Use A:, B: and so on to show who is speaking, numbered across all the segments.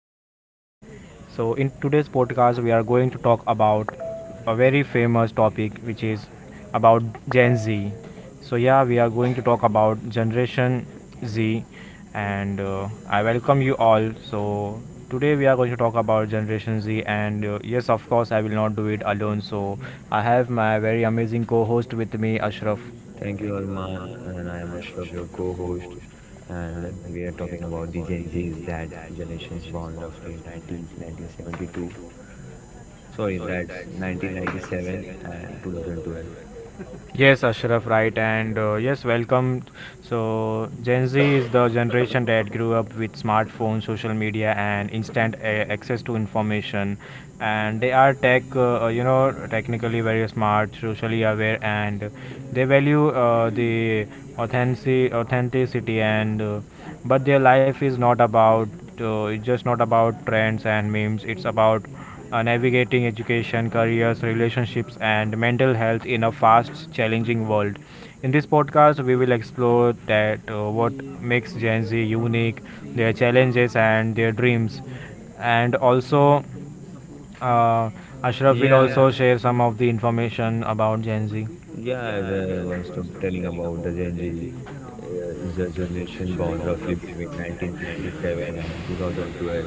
A: podcast. In today's podcast, we are going to talk about a very famous topic which is about Gen Z. We are going to talk about Generation Z, and I welcome you all. So, today we are going to talk about Generation Z, and yes, of course, I will not do it alone. So, I have my very amazing co host with me, Ashraf.
B: Thank you, Arman, and I am Ashraf, your co-host, and we are talking about the Gen Zs, that generation's born roughly in 1972. Sorry, that's 1997 and 2012.
A: Yes, Ashraf, right, and yes, welcome. So, Gen Z is the generation that grew up with smartphones, social media, and instant access to information, and they are technically very smart, socially aware, and they value the authenticity, and but their life is not about, it's just not about trends and memes. It's about navigating education, careers, relationships, and mental health in a fast, challenging world. In this podcast, we will explore that what makes Gen Z unique, their challenges and their dreams, and also uh, Ashraf will
B: Yeah,
A: also share some of the information about Gen Z.
B: yeah, as I was telling about the Gen Z, is a generation born roughly between 1997 and 2012.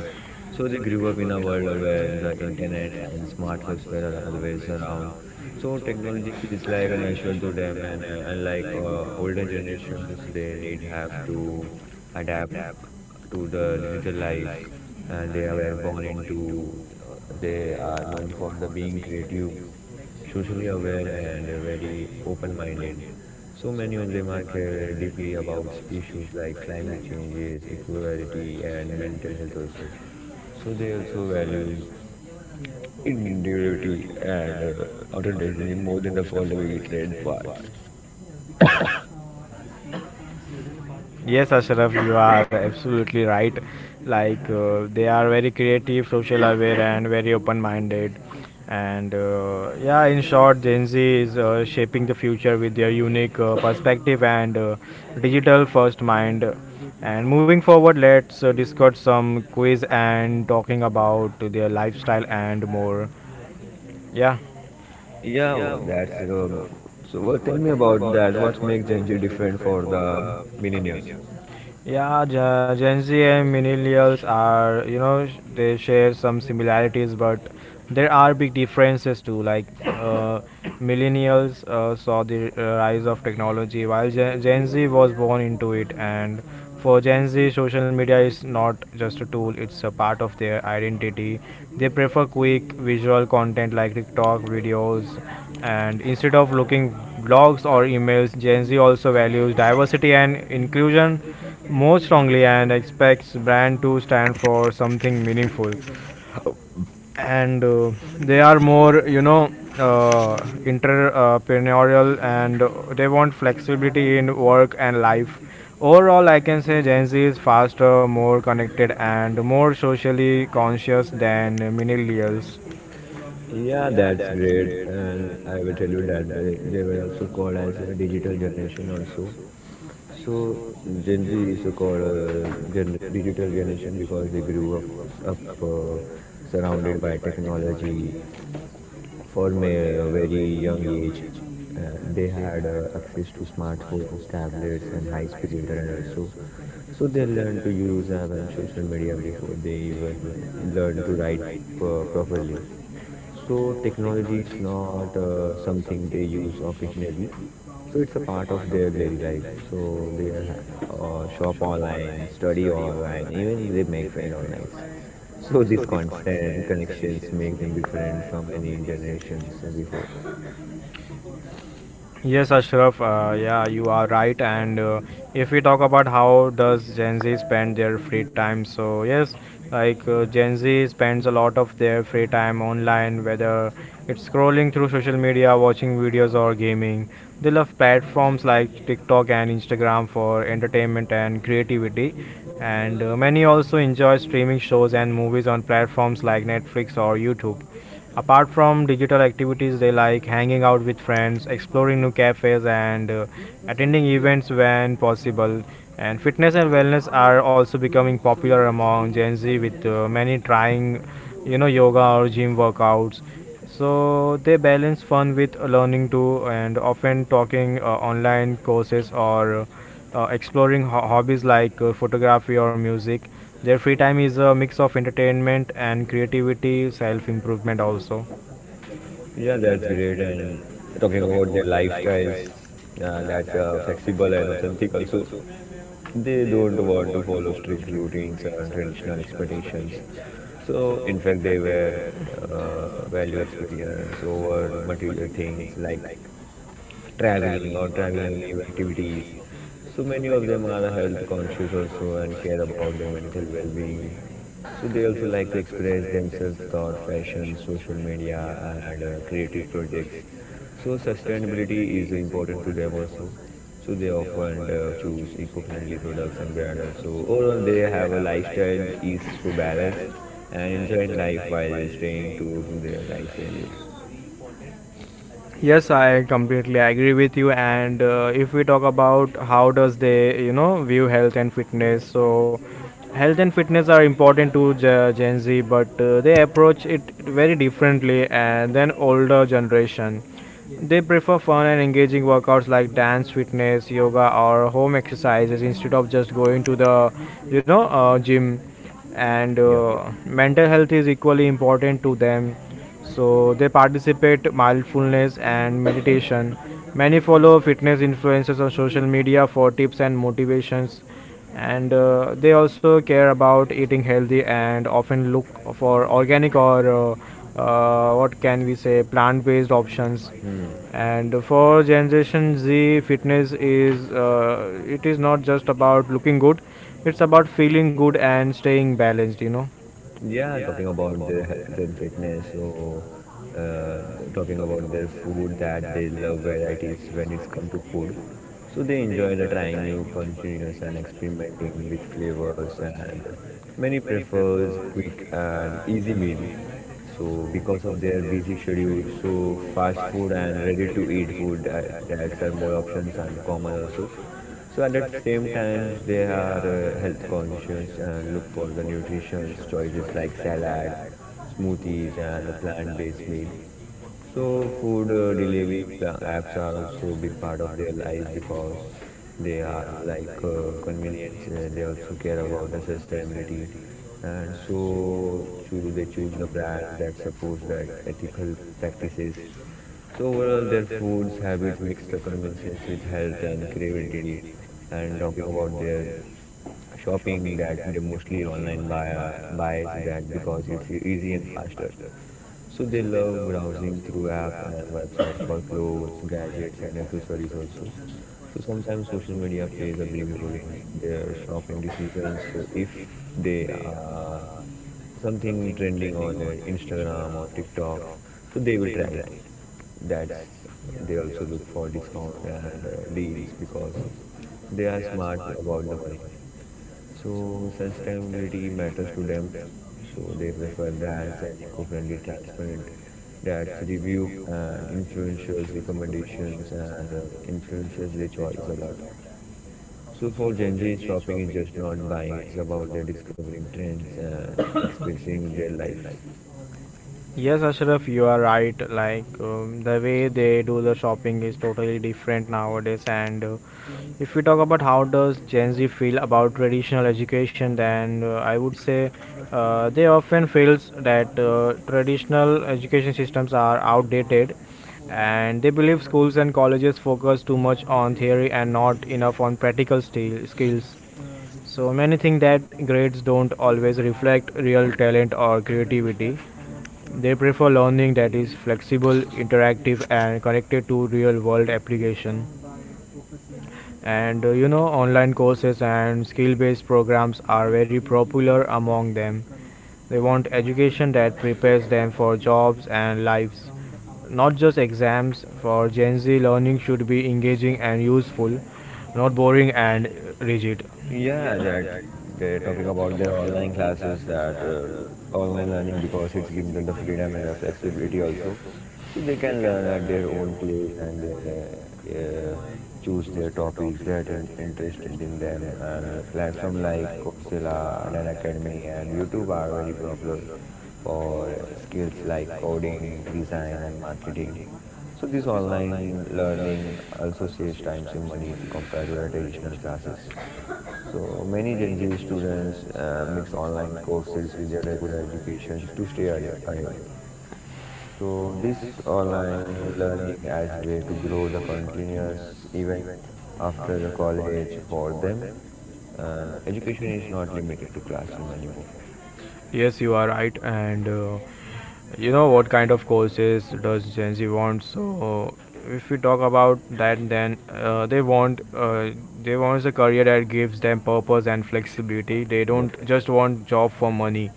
B: So they grew up in a world where the internet and smartphones were always around. So technology feels like natural to them, and unlike older generations, they need have to adapt to the digital life, and they were born into. They are known for the being creative, socially aware, and very open minded. So many of them are care deeply about issues like climate changes, equality, and mental health also. So they also values individuality and authenticity more than the following trend parts.
A: Yes, Ashraf, you are absolutely right. Like they are very creative, social aware, and very open-minded. And yeah, in short, Gen Z is shaping the future with their unique perspective and digital-first mind. And moving forward, let's discuss some quiz and talking about their lifestyle and more. Yeah.
B: Yeah, well, tell me about that. What makes Gen Z different for the millennials?
A: Gen Z and millennials are, you know, they share some similarities, but there are big differences too. Millennials saw the rise of technology, while Gen Z was born into it. And for Gen Z, social media is not just a tool, it's a part of their identity. They prefer quick visual content like TikTok videos and instead of looking blogs or emails. Gen Z also values diversity and inclusion more strongly and expects brand to stand for something meaningful. And they are more, uh, entrepreneurial and they want flexibility in work and life. Overall, I can say Gen Z is faster, more connected, and more socially conscious than millennials.
B: Yeah, that's great, and I will tell you that they were also called as a digital generation also. So Gen Z is so called, digital generation, because they grew up surrounded by technology from a very young age. They had access to smartphones, tablets, and high-speed internet also. So they learn to use app and social media before they even learn to write properly. So technology is not something they use occasionally. So it's a part of their daily life. So they shop online, study online, even they make friends online. So these constant connections make them different from any generations before.
A: Yes, Ashraf, yeah, you are right. And if we talk about how does Gen Z spend their free time, so yes, Gen Z spends a lot of their free time online, whether it's scrolling through social media, watching videos, or gaming. They love platforms like TikTok and Instagram for entertainment and creativity. And many also enjoy streaming shows and movies on platforms like Netflix or YouTube. Apart from digital activities, they like hanging out with friends, exploring new cafes, and attending events when possible. And fitness and wellness are also becoming popular among Gen Z, with many trying, yoga or gym workouts. So they balance fun with learning too, and often talking online courses or exploring hobbies like photography or music. Their free time is a mix of entertainment and creativity, self improvement also.
B: Yeah, that's great. And talking about their lifestyles, that's flexible and authentic also. They don't want to follow strict routines or traditional expectations. So, in fact, they were value experience over material things like traveling, or traveling new activities. So many of them are health conscious also and care about their mental well-being. So they also like to express themselves thought, fashion, social media, and creative projects. So sustainability is important to them also. So they often choose eco-friendly products and brand also. Overall, they have a lifestyle is so balanced and enjoying life while staying true to their life values.
A: Yes, I completely agree with you. And if we talk about how does they, view health and fitness, so health and fitness are important to Gen Z, but they approach it very differently than older generation. They prefer fun and engaging workouts like dance, fitness, yoga, or home exercises instead of just going to the, gym. And
B: Yeah.
A: mental health is equally important to them, so they participate mindfulness and meditation. Many follow fitness influencers on social media for tips and motivations, and they also care about eating healthy and often look for organic or what can we say plant based options.
B: Hmm.
A: And for generation z, fitness is it is not just about looking good, it's about feeling good and staying balanced, you know.
B: Yeah, talking about their health and fitness, so uh, talking about their food, that they love varieties when it's come to food. So they enjoy the trying new continuous and experimenting with flavors, and many prefers quick and easy meal. So because of their busy schedule, so fast food and ready to eat food, that's are more options and common also. So at the same times, they are health conscious and look for the nutritious choices like salad, smoothies, and the plant-based meal. So food delivery apps are also a big part of their life because they are like convenience. They also care about the sustainability, and so they choose the brands that supports that ethical practices. So overall, their foods habits mix the convenience with health and creativity. And talking about their shopping, that they mostly online buys that because it's easy and faster. So they love browsing through app and website for clothes, gadgets, and accessories also. So sometimes social media plays a big role in their shopping decisions. So if they are something trending on their Instagram or TikTok, so they will try it. That's, they also look for discount and deals because they are smart about the money. So sustainability matters to them. So they prefer brands and eco-friendly, transparent, that's review and influencers recommendations, and influencers their choice a lot. So for Gen Z, shopping is just not buying; it's about their discovering trends and experiencing their lives.
A: Yes, Ashraf, you are right. Like the way they do the shopping is totally different nowadays. And if we talk about how does Gen Z feel about traditional education, then I would say they often feels that traditional education systems are outdated, and they believe schools and colleges focus too much on theory and not enough on practical skills. So many think that grades don't always reflect real talent or creativity. They prefer learning that is flexible, interactive, and connected to real world application. And online courses and skill based programs are very popular among them. They want education that prepares them for jobs and lives, not just exams. For Gen Z, learning should be engaging and useful, not boring and rigid.
B: Yeah, that they're talking about their online classes, that online learning because it's given them the freedom and the flexibility also. So they can learn at their own place, and they, uh, uh, choose their topics that interested in them. And platform like Coursera, Khan Academy, and YouTube are very popular for skills like coding, design, and marketing. So this online learning also saves time and money to compare to the traditional classes. So many Gen Z students mix online courses with their regular educations to stay ahead. So this online learning as way to grow the continuous even after the college for them, and education is not limited to classroom anymore.
A: Yes, you are right. And you know what kind of courses does Gen Z want? So if we talk about that, then they want a career that gives them purpose and flexibility. They
B: Yep.
A: don't just want job for money.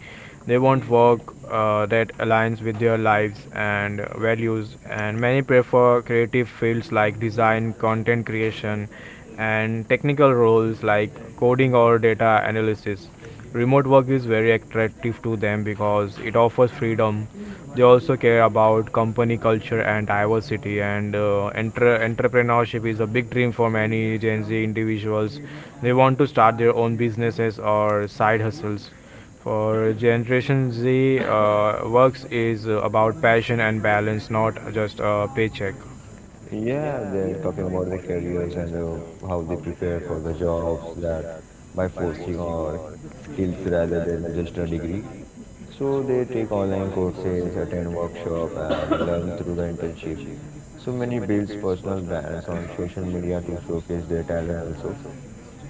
A: They want work that aligns with their lives and values. And many prefer creative fields like design, content creation, and technical roles like coding or data analysis. Remote work is very attractive to them because it offers freedom. They also care about company culture and diversity, and entrepreneurship is a big dream for many Gen Z individuals. They want to start their own businesses or side hustles. For generation z, works is about passion and balance, not just a paycheck.
B: Yeah, they're talking about their careers and how they prepare for the jobs, that by forcing or skills rather than just a degree. So they take online courses, attend workshop, and learn through the internship. So many builds personal brands on social media to showcase their talent also.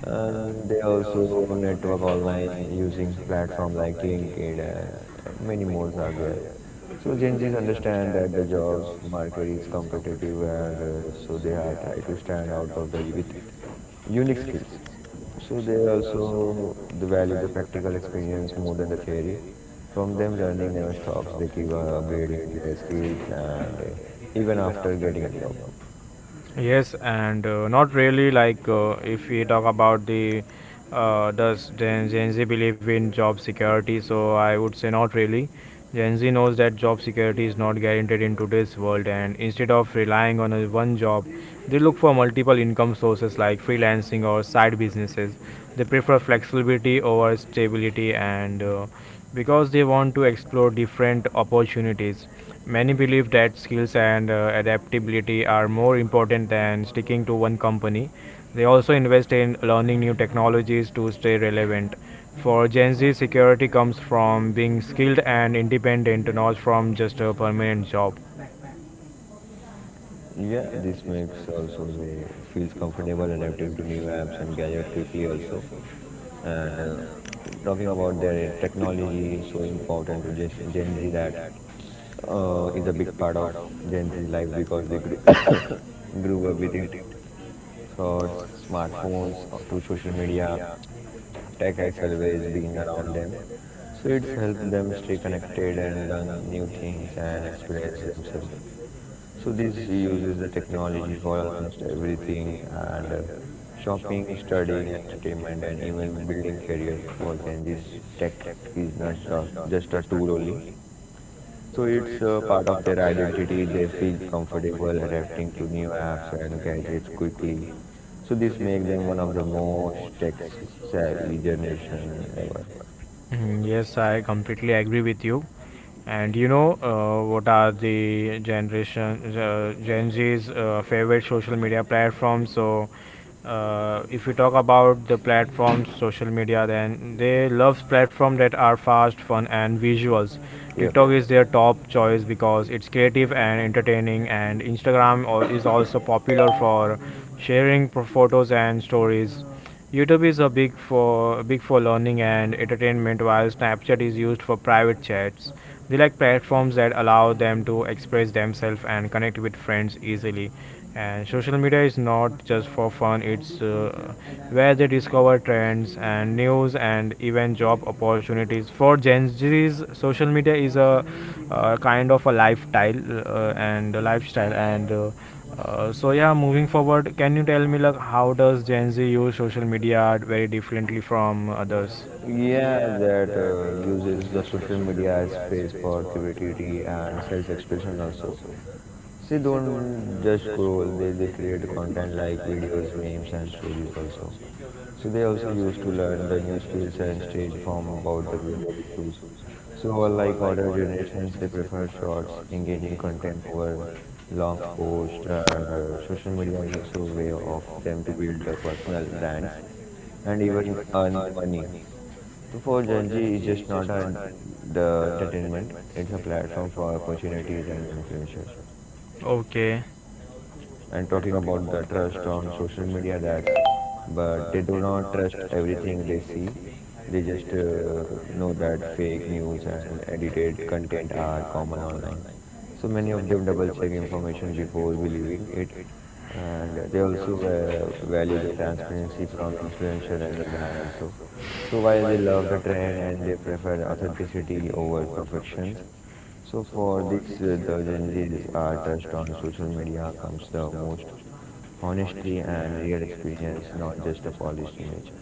B: And they also network online using platform like LinkedIn, and many more are there. So Gen Zs understand that the jobs market is competitive, and so they are try to stand out of the e, with unique skills. So they also they value the practical experience more than the theory. From them, learning never stops. They keep upgrading their skills, and even after getting a job.
A: Yes, and not really. If we talk about the does Gen Z believe in job security? So I would say not really. Gen Z knows that job security is not guaranteed in today's world, and instead of relying on a one job, they look for multiple income sources like freelancing or side businesses. They prefer flexibility over stability, and because they want to explore different opportunities. Many believe that skills and adaptability are more important than sticking to one company. They also invest in learning new technologies to stay relevant. For Gen Z, security comes from being skilled and independent, not from just a permanent job.
B: Yeah, this makes also they feels comfortable adapting to new apps and gadget quickly also. And talking about their technology is so important to Gen Z, that is a big part of Gen Z life because they grew grew up with it. So smartphones to social media, tech has always been around them. So it's helped them stay connected and learn new things and experience themselves. So this he uses the technology for almost everything, and shopping, studying, entertainment, and even building career for Gen Z's tech is not just a tool only. So it's a part of their identity. They feel comfortable adapting to new apps and gadgets quickly. So this makes them one of the most tech savvy generation ever.
A: Mhm. Yes, I completely agree with you. And you know what are the Gen Z's favorite social media platforms? So, if you talk about the platforms, social media, then they love platforms that are fast, fun, and visuals.
B: Yeah.
A: TikTok is their top choice because it's creative and entertaining, and Instagram is also popular for sharing photos and stories. YouTube is a big for big for learning and entertainment, while Snapchat is used for private chats. They like platforms that allow them to express themselves and connect with friends easily. And social media is not just for fun; it's where they discover trends and news and even job opportunities. For Gen Z's, social media is a kind of a lifestyle and. So yeah, moving forward, can you tell me like how does Gen Z use social media very differently from others.
B: Yeah, that uses the social media as space for creativity and self-expression also. See, don't just scroll. They create content like videos, memes, and stories also. So they also used to learn the new skills and stay informed about the global issues. So unlike older generations, they prefer shorts, engaging content over long posts, and social media is also a way of them to build their personal brands and even earn money. So for Gen Z, it's just not the entertainment; it's a platform for opportunities and influencers.
A: Okay.
B: And talking about the trust on social media, that's but they do not trust everything they see. They just know that fake news and edited content are common online, so many of them double check information before believing it. And they also value the transparency from influencer and the brand also. So while they love the trend and they prefer authenticity over perfections, so for this, the Gen Z's trust on social media comes the most honestly and real experience, not just a polished image.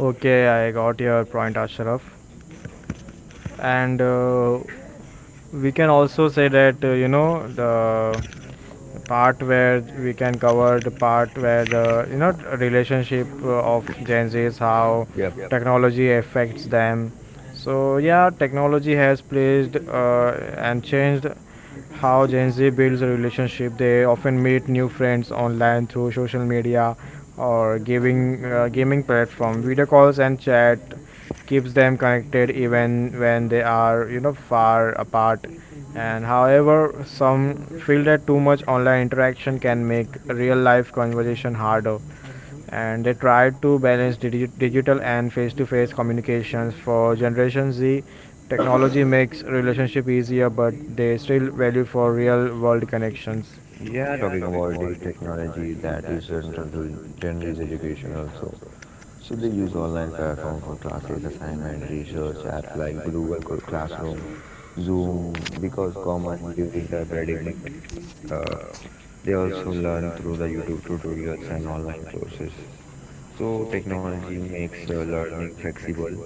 A: Okay, I got your point, Ashraf. And we can also say that the part where we can cover the part where the you know relationship of Gen Zs, how
B: Yep.
A: technology affects them. So yeah, technology has played and changed how Gen Z builds a relationship. They often meet new friends online through social media or giving gaming platform. Video calls and chat keeps them connected even when they are, you know, far apart. And however, some feel that too much online interaction can make real life conversation harder, and they try to balance digital and face-to-face communications. For generation z, technology makes relationship easier, but they still value for real world connections.
B: We are talking about the technology that is central to Gen Z's education also. So they use online platform for classes, assignment, research, apps like Google Classroom, Zoom, because common during the pandemic. Uh, they also learn through the YouTube tutorials and online courses. So technology makes learning flexible,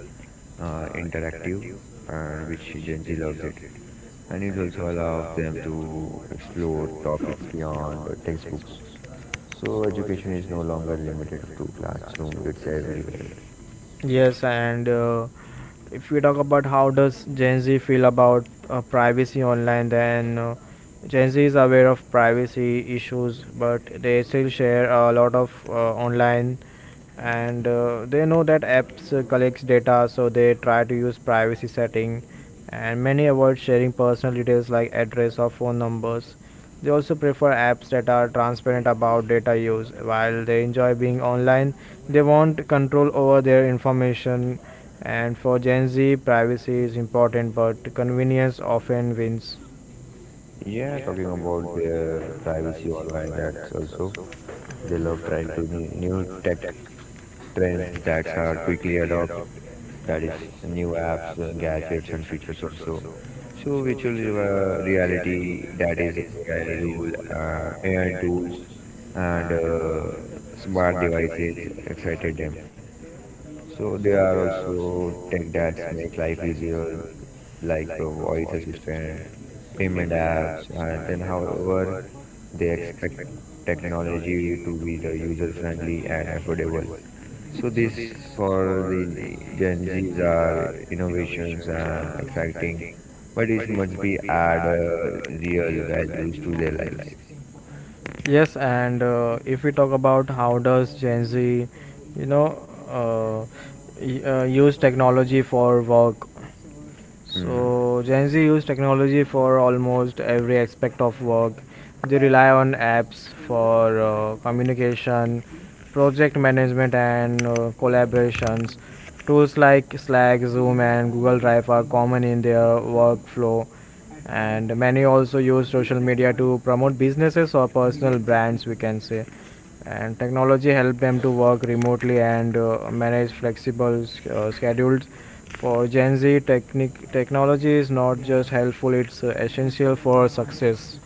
B: interactive, and which Gen Z loves it. And it also allows them to explore topics beyond the textbooks. So education is no longer limited to classroom; it's everywhere.
A: Yes, and if we talk about how does Gen Z feel about privacy online, then Gen Z is aware of privacy issues, but they still share a lot of online, and they know that apps collects data, so they try to use privacy setting, and many avoid sharing personal details like address or phone numbers. They also prefer apps that are transparent about data use. While they enjoy being online, they want control over their information. And for Gen Z, privacy is important, but convenience often wins.
B: Yeah, talking about their privacy online, that's also they love trying to new tech trends that are quickly adopted, that is new apps, gadgets, and features also. So virtual reality, that is ai rule AI tools, and smart devices excited them. So there are also tech that make life easier, like a voice assistant, payment apps, and then however they expect technology to be the user friendly and affordable. So this for the Gen Zs are innovations and exciting, but it must be add real values to their lives.
A: Yes, and if we talk about how does Gen Z, you know, uh, use technology for work, so
B: Hmm.
A: Gen Z use technology for almost every aspect of work. They rely on apps for communication, project management, and collaborations. Tools like Slack, Zoom, and Google Drive are common in their workflow, and many also use social media to promote businesses or personal brands, we can say. And technology helped them to work remotely and manage flexible schedules. For Gen Z, technology is not just helpful, it's essential for success.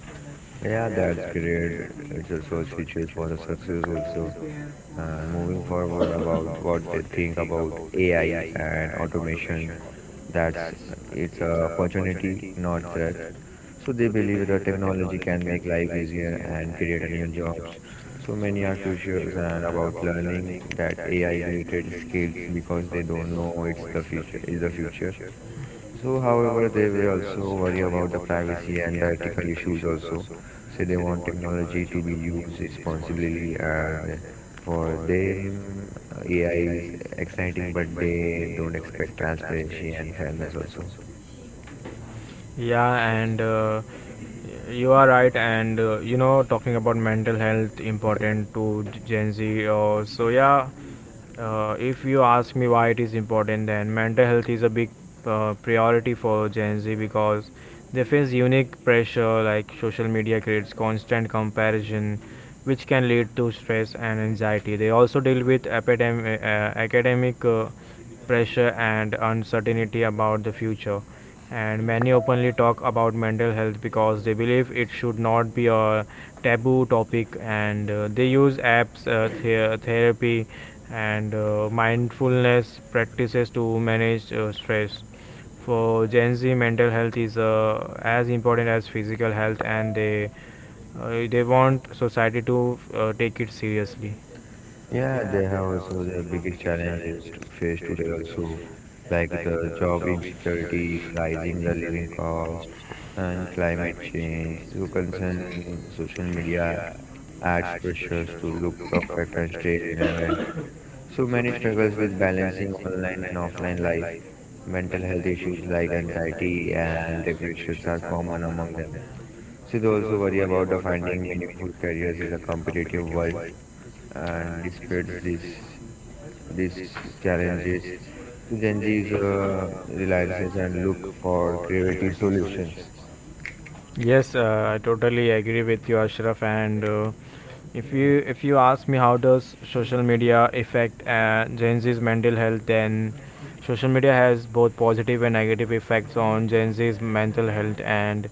B: Yeah, that's great. It's also features for the success also. And moving forward about what they think about AI and automation. That's It's a opportunity, not threat. So they believe that technology can make life easier and create a new jobs. So many are curious and about learning that AI related skills because they don't know it's the future is the future. So, however, they will also worry about the privacy and the ethical issues also. Say they want technology to be used responsibly, and for them, AI is exciting, but they don't expect transparency and fairness also.
A: Yeah, and you are right. And talking about mental health
B: Yep.
A: important to Gen Z. If you ask me why it is important, then mental health is a big priority for Gen Z because they face unique pressure like social media creates constant comparison, which can lead to stress and anxiety. They also deal with academic pressure and uncertainty about the future, and many openly talk about mental health because they believe it should not be a taboo topic. And They use apps, therapy and mindfulness practices to manage stress. For Gen Z, mental health is as important as physical health, and they want society to take it seriously.
B: Yeah, they have also their biggest challenges to face today also, like the job insecurity, rising the living cost, and climate change. So concern social media adds pressures to look perfect and stay relevant. So many struggles with balancing online and offline life. Mental health issues like anxiety and depressions are common among them. Should also worry about the finding meaningful careers is a competitive world and despite this these challenges to Gen Z's reliances and look for creative solutions.
A: Yes, I totally agree with you, Ashraf. And if you
B: Yeah.
A: if you ask me how does social media affect Gen Z's mental health, then social media has both positive and negative effects on Gen Z's mental health, and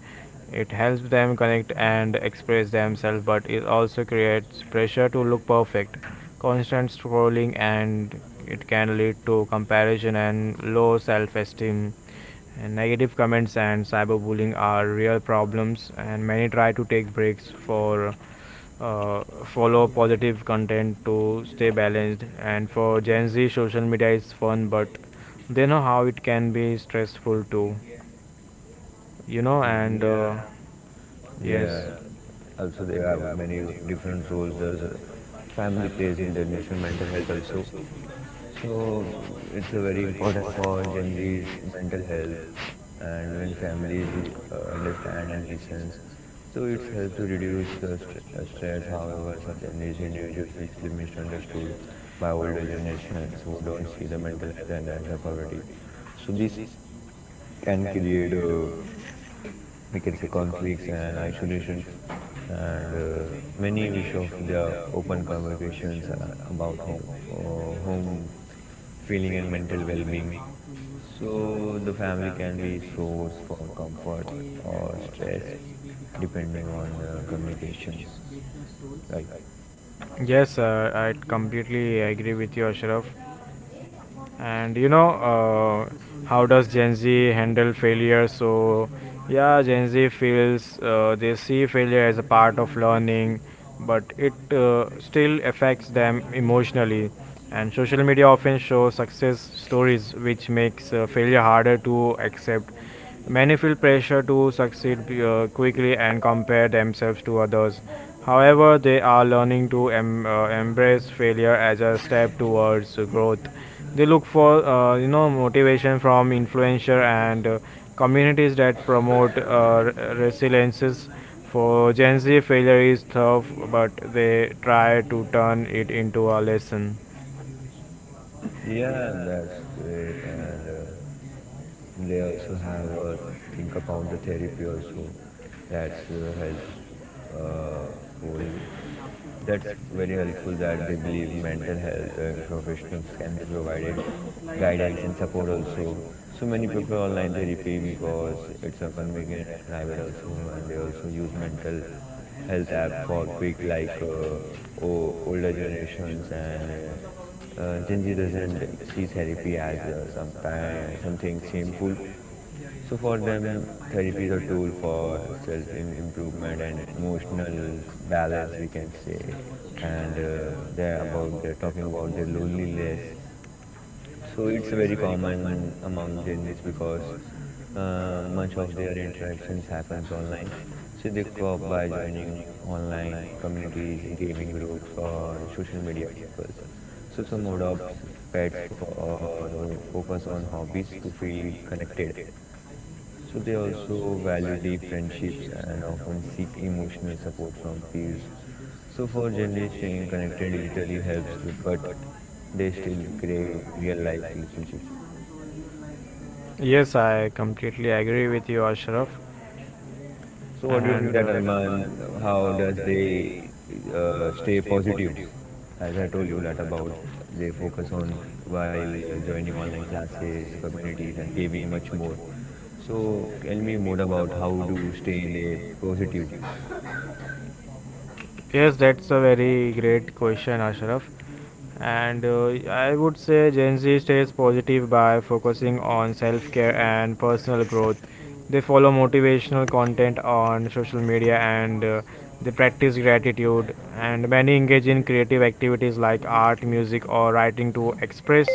A: it helps them connect and express themselves, but it also creates pressure to look perfect, constant scrolling, and it can lead to comparison and low self-esteem, and negative comments and cyberbullying are real problems, and many try to take breaks for, uh, follow positive content to stay balanced. And for Gen Z, social media is fun, but they know how it can be stressful too. You know, and
B: Yeah, yeah.
A: yes.
B: Also, there are many different roles. There's family plays in the national mental health also. So it's a very important for Gen Z's mental health, and when families understand and listens, so it helps to reduce the stress. However, sometimes these individuals feel misunderstood by older generations who don't see the mental health and as a priority. So this can create we can say conflicts and isolations and many wish of their open conversations are about home feeling and mental well-being, so the family can be source for comfort or stress depending on communications, right?
A: Yes, I completely agree with you, Ashraf. And you know how does Gen Z handle failure? Gen Z feels they see failure as a part of learning, but it still affects them emotionally, and social media often shows success stories, which makes failure harder to accept. Many feel pressure to succeed quickly and compare themselves to others. However, they are learning to embrace failure as a step towards growth. They look for, uh, motivation from influencer and communities that promote, resiliences. For Gen Z, failure is tough, but they try to turn it into a lesson.
B: Yeah, that's great. And they also have a think about the therapy also. That's helps full. That's very helpful that they believe mental health and professionals can be provided guidance and support also. So many prefer online therapy because it's a convenient and private also, and they also use mental health app for quick like older generations and Gen Z doesn't see therapy as something shameful. So for them, therapy is a tool for self in improvement and emotional balance, we can say, and they're talking about their loneliness, so it's very common among Gen Zs because much of their interactions happens online. So they cope by joining online communities, gaming groups, or social media circles. So some adopt pets for or focus on hobbies to feel connected. So they also value deep friendships and often seek emotional support from peers. So for Gen Z, staying connected digitally helps, but they still crave real life relationship.
A: Yes, I completely agree with you, Ashraf.
B: So what do you think that Arman? How does they stay positive? As I told you that about they focus on while joining online classes, communities, and giving much more. So tell me more about how to stay they positive.
A: Yes, that's a very great question, Ashraf. And I would say Gen Z stays positive by focusing on self care and personal growth. They follow motivational content on social media, and they practice gratitude. And many engage in creative activities like art, music, or writing to express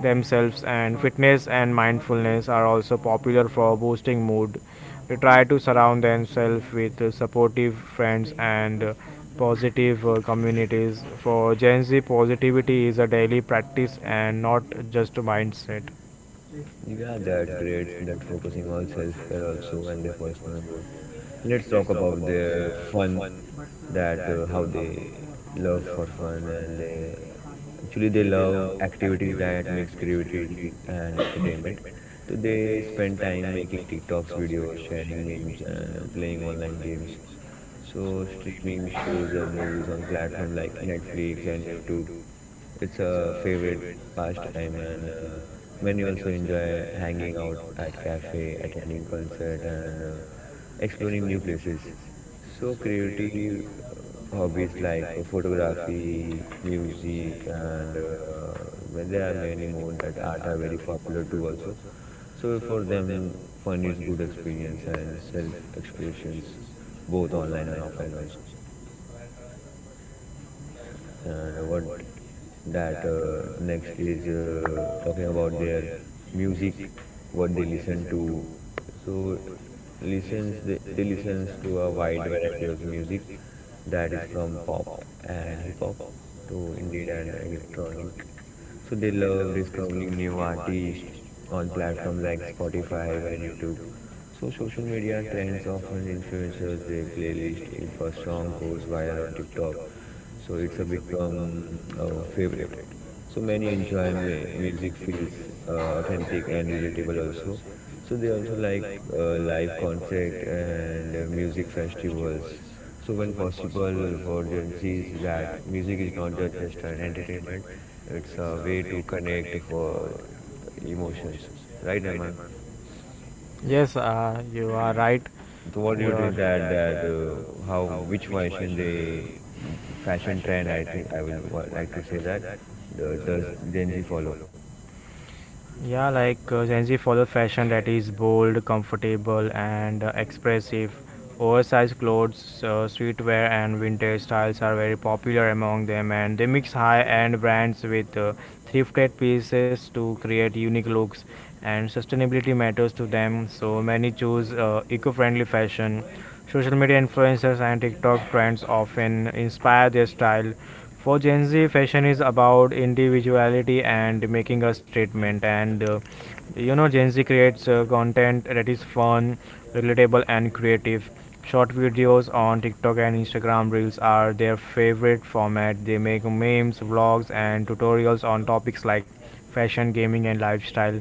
A: themselves. And fitness and mindfulness are also popular for boosting mood to try to surround themselves with supportive friends and positive communities. For Gen Z, positivity is a daily practice and not just a mindset.
B: Yeah, that's great. That focusing on self-care also and their personal growth. Let's talk about their fun. That how they love for fun and they actually they love activities that mix creativity and entertainment. So they spend time making TikToks videos, sharing memes, and playing online games. So streaming shows and movies on platform like Netflix and YouTube. It's a favorite pastime, and many also enjoy hanging out at cafe, attending concert, and exploring new places. So creative hobbies like photography, music, and well, there are many more that art are very popular too also. So for them, fun is good experience and self-expressions, both online and offline also. And what that next is talking about their music, what they listen to. So listens they listens to a wide variety of music that is from pop and hip hop to indie and electronic. So they love discovering new artists on platforms like Spotify and YouTube. So social media trends often influencers their playlist. If a song goes viral on TikTok, so it's a become a favorite. So many enjoy music feels authentic and relatable also. So they also like live concert and music festivals. So when possible for Gen Z's that music is not just an entertainment, it's a way to connect for emotions. Right, Eman?
A: Yes, you are right.
B: So what do you
A: Your
B: think
A: is
B: that
A: it
B: that how which fashion they fashion trend I think I will like to say that the, does Gen Z follow?
A: Yeah, like Gen Z follow fashion that is bold, comfortable, and expressive. Oversized clothes, streetwear, and vintage styles are very popular among them, and they mix high-end brands with, thrifted pieces to create unique looks. And sustainability matters to them, so many choose eco-friendly fashion. Social media influencers and TikTok trends often inspire their style. For Gen Z, fashion is about individuality and making a statement. Gen Z creates content that is fun, relatable, and creative. Short videos on TikTok and Instagram Reels are their favorite format. They make memes, vlogs, and tutorials on topics like fashion, gaming, and lifestyle.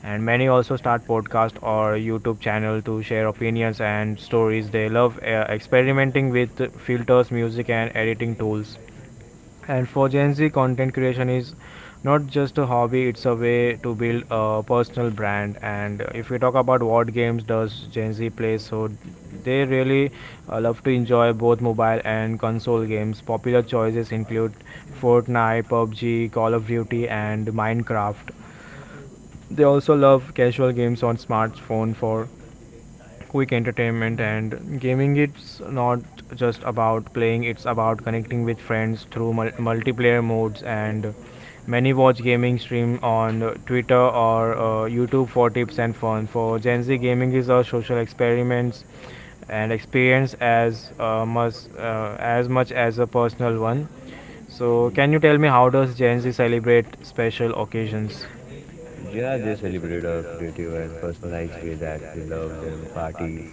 A: And many also start podcast or YouTube channel to share opinions and stories. They love experimenting with filters, music, and editing tools. And for Gen Z, content creation is not just a hobby, it's a way to build a personal brand. And if we talk about what games does Gen Z play, so they really love to enjoy both mobile and console games. Popular choices include Fortnite, PUBG, Call of Duty, and Minecraft. They also love casual games on smartphone for quick entertainment. And gaming, it's not just about playing, it's about connecting with friends through multiplayer modes, and many watch gaming stream on twitter or youtube for tips and fun. For Gen Z, gaming is a social experiments and experience as much as a personal one. So can you tell me how does Gen Z celebrate special occasions?
B: Yeah, they celebrate a creative and personalized way that they love them parties,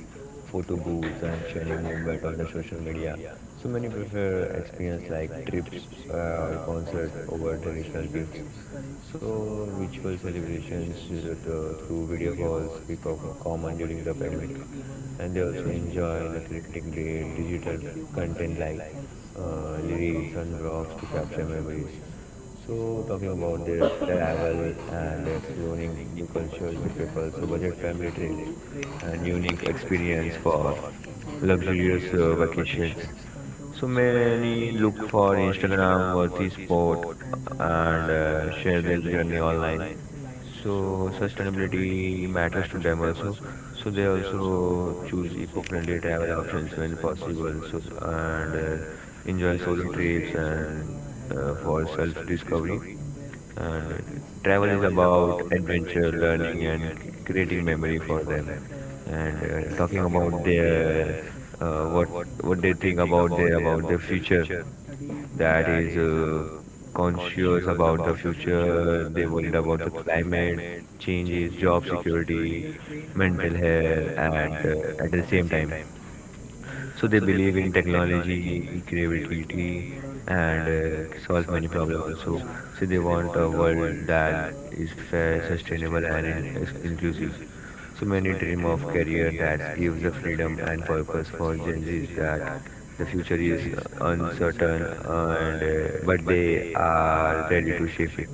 B: photo booths, and sharing movement on the social media. So many prefer experience like trips or concert over traditional gifts. So virtual celebrations through video calls become common during the pandemic. And they also enjoy the creating great digital content like lyrics and blogs to capture memories. So talking about their travel and exploring new cultures, they prefer so budget family trips and unique experience for luxurious vacations. So many look for Instagram worthy spot and share their journey online, so sustainability matters to them also. So they also choose eco-friendly travel options when possible. So and enjoy solo trips and for self-discovery. And travel is about adventure, learning, and creating memory for them. And talking about their uh, what what they think about their future, that is conscious about the future, they worried about the climate changes, job security, mental health, and at the same time, so they believe in technology, creativity, and solve many problems also. So they want a world that is fair, sustainable, and is inclusive. So many dream of career that gives the freedom and purpose for Gen Zs that the future is uncertain and but they are ready to shape it.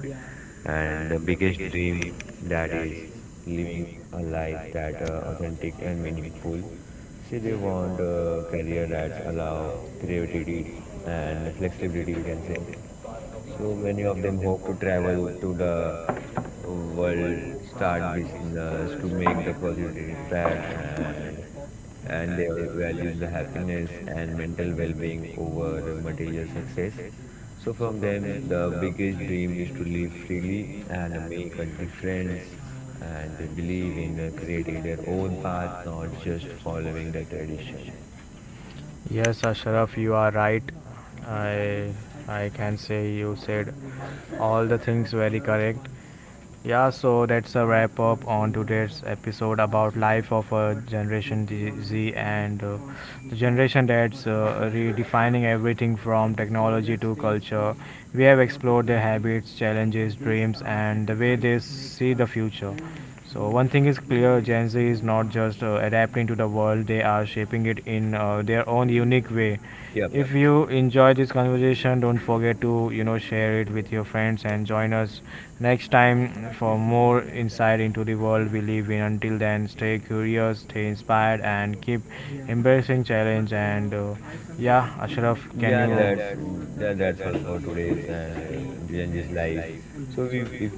B: And the biggest dream that is living a life that authentic and meaningful. See, they want a career that's allow creativity and flexibility, we can say. So many of them hope to travel to the world, start business to make the positive impact, and they values the happiness and mental well-being over material success. So, from them, the biggest dream is to live freely and make a difference. And they believe in creating their own path, not just following the tradition.
A: Yes, Ashraf, you are right. I I can say you said all the things very correct. Yeah, so that's a wrap up on today's episode about life of a generation Z, and the generation that's redefining everything from technology to culture. We have explored their habits, challenges, dreams, and the way they see the future. So one thing is clear: Gen Z is not just adapting to the world; they are shaping it in their own unique way.
B: Yep.
A: If you enjoy this conversation, don't forget to, share it with your friends and join us next time for more insight into the world we live in. Until then, stay curious, stay inspired, and keep embracing challenge. Ashraf, can
B: Yeah,
A: you? Yeah,
B: that's all for today's and Genji's life. So, we if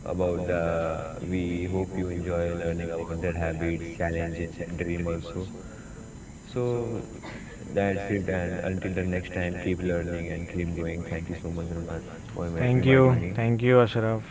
B: about the we hope you enjoy learning about their habits, challenges, and dream also. So that's it. And until the next time, keep learning and keep going. Thank you so much, Norman, for
A: thank you,
B: inviting me.
A: Ashraf.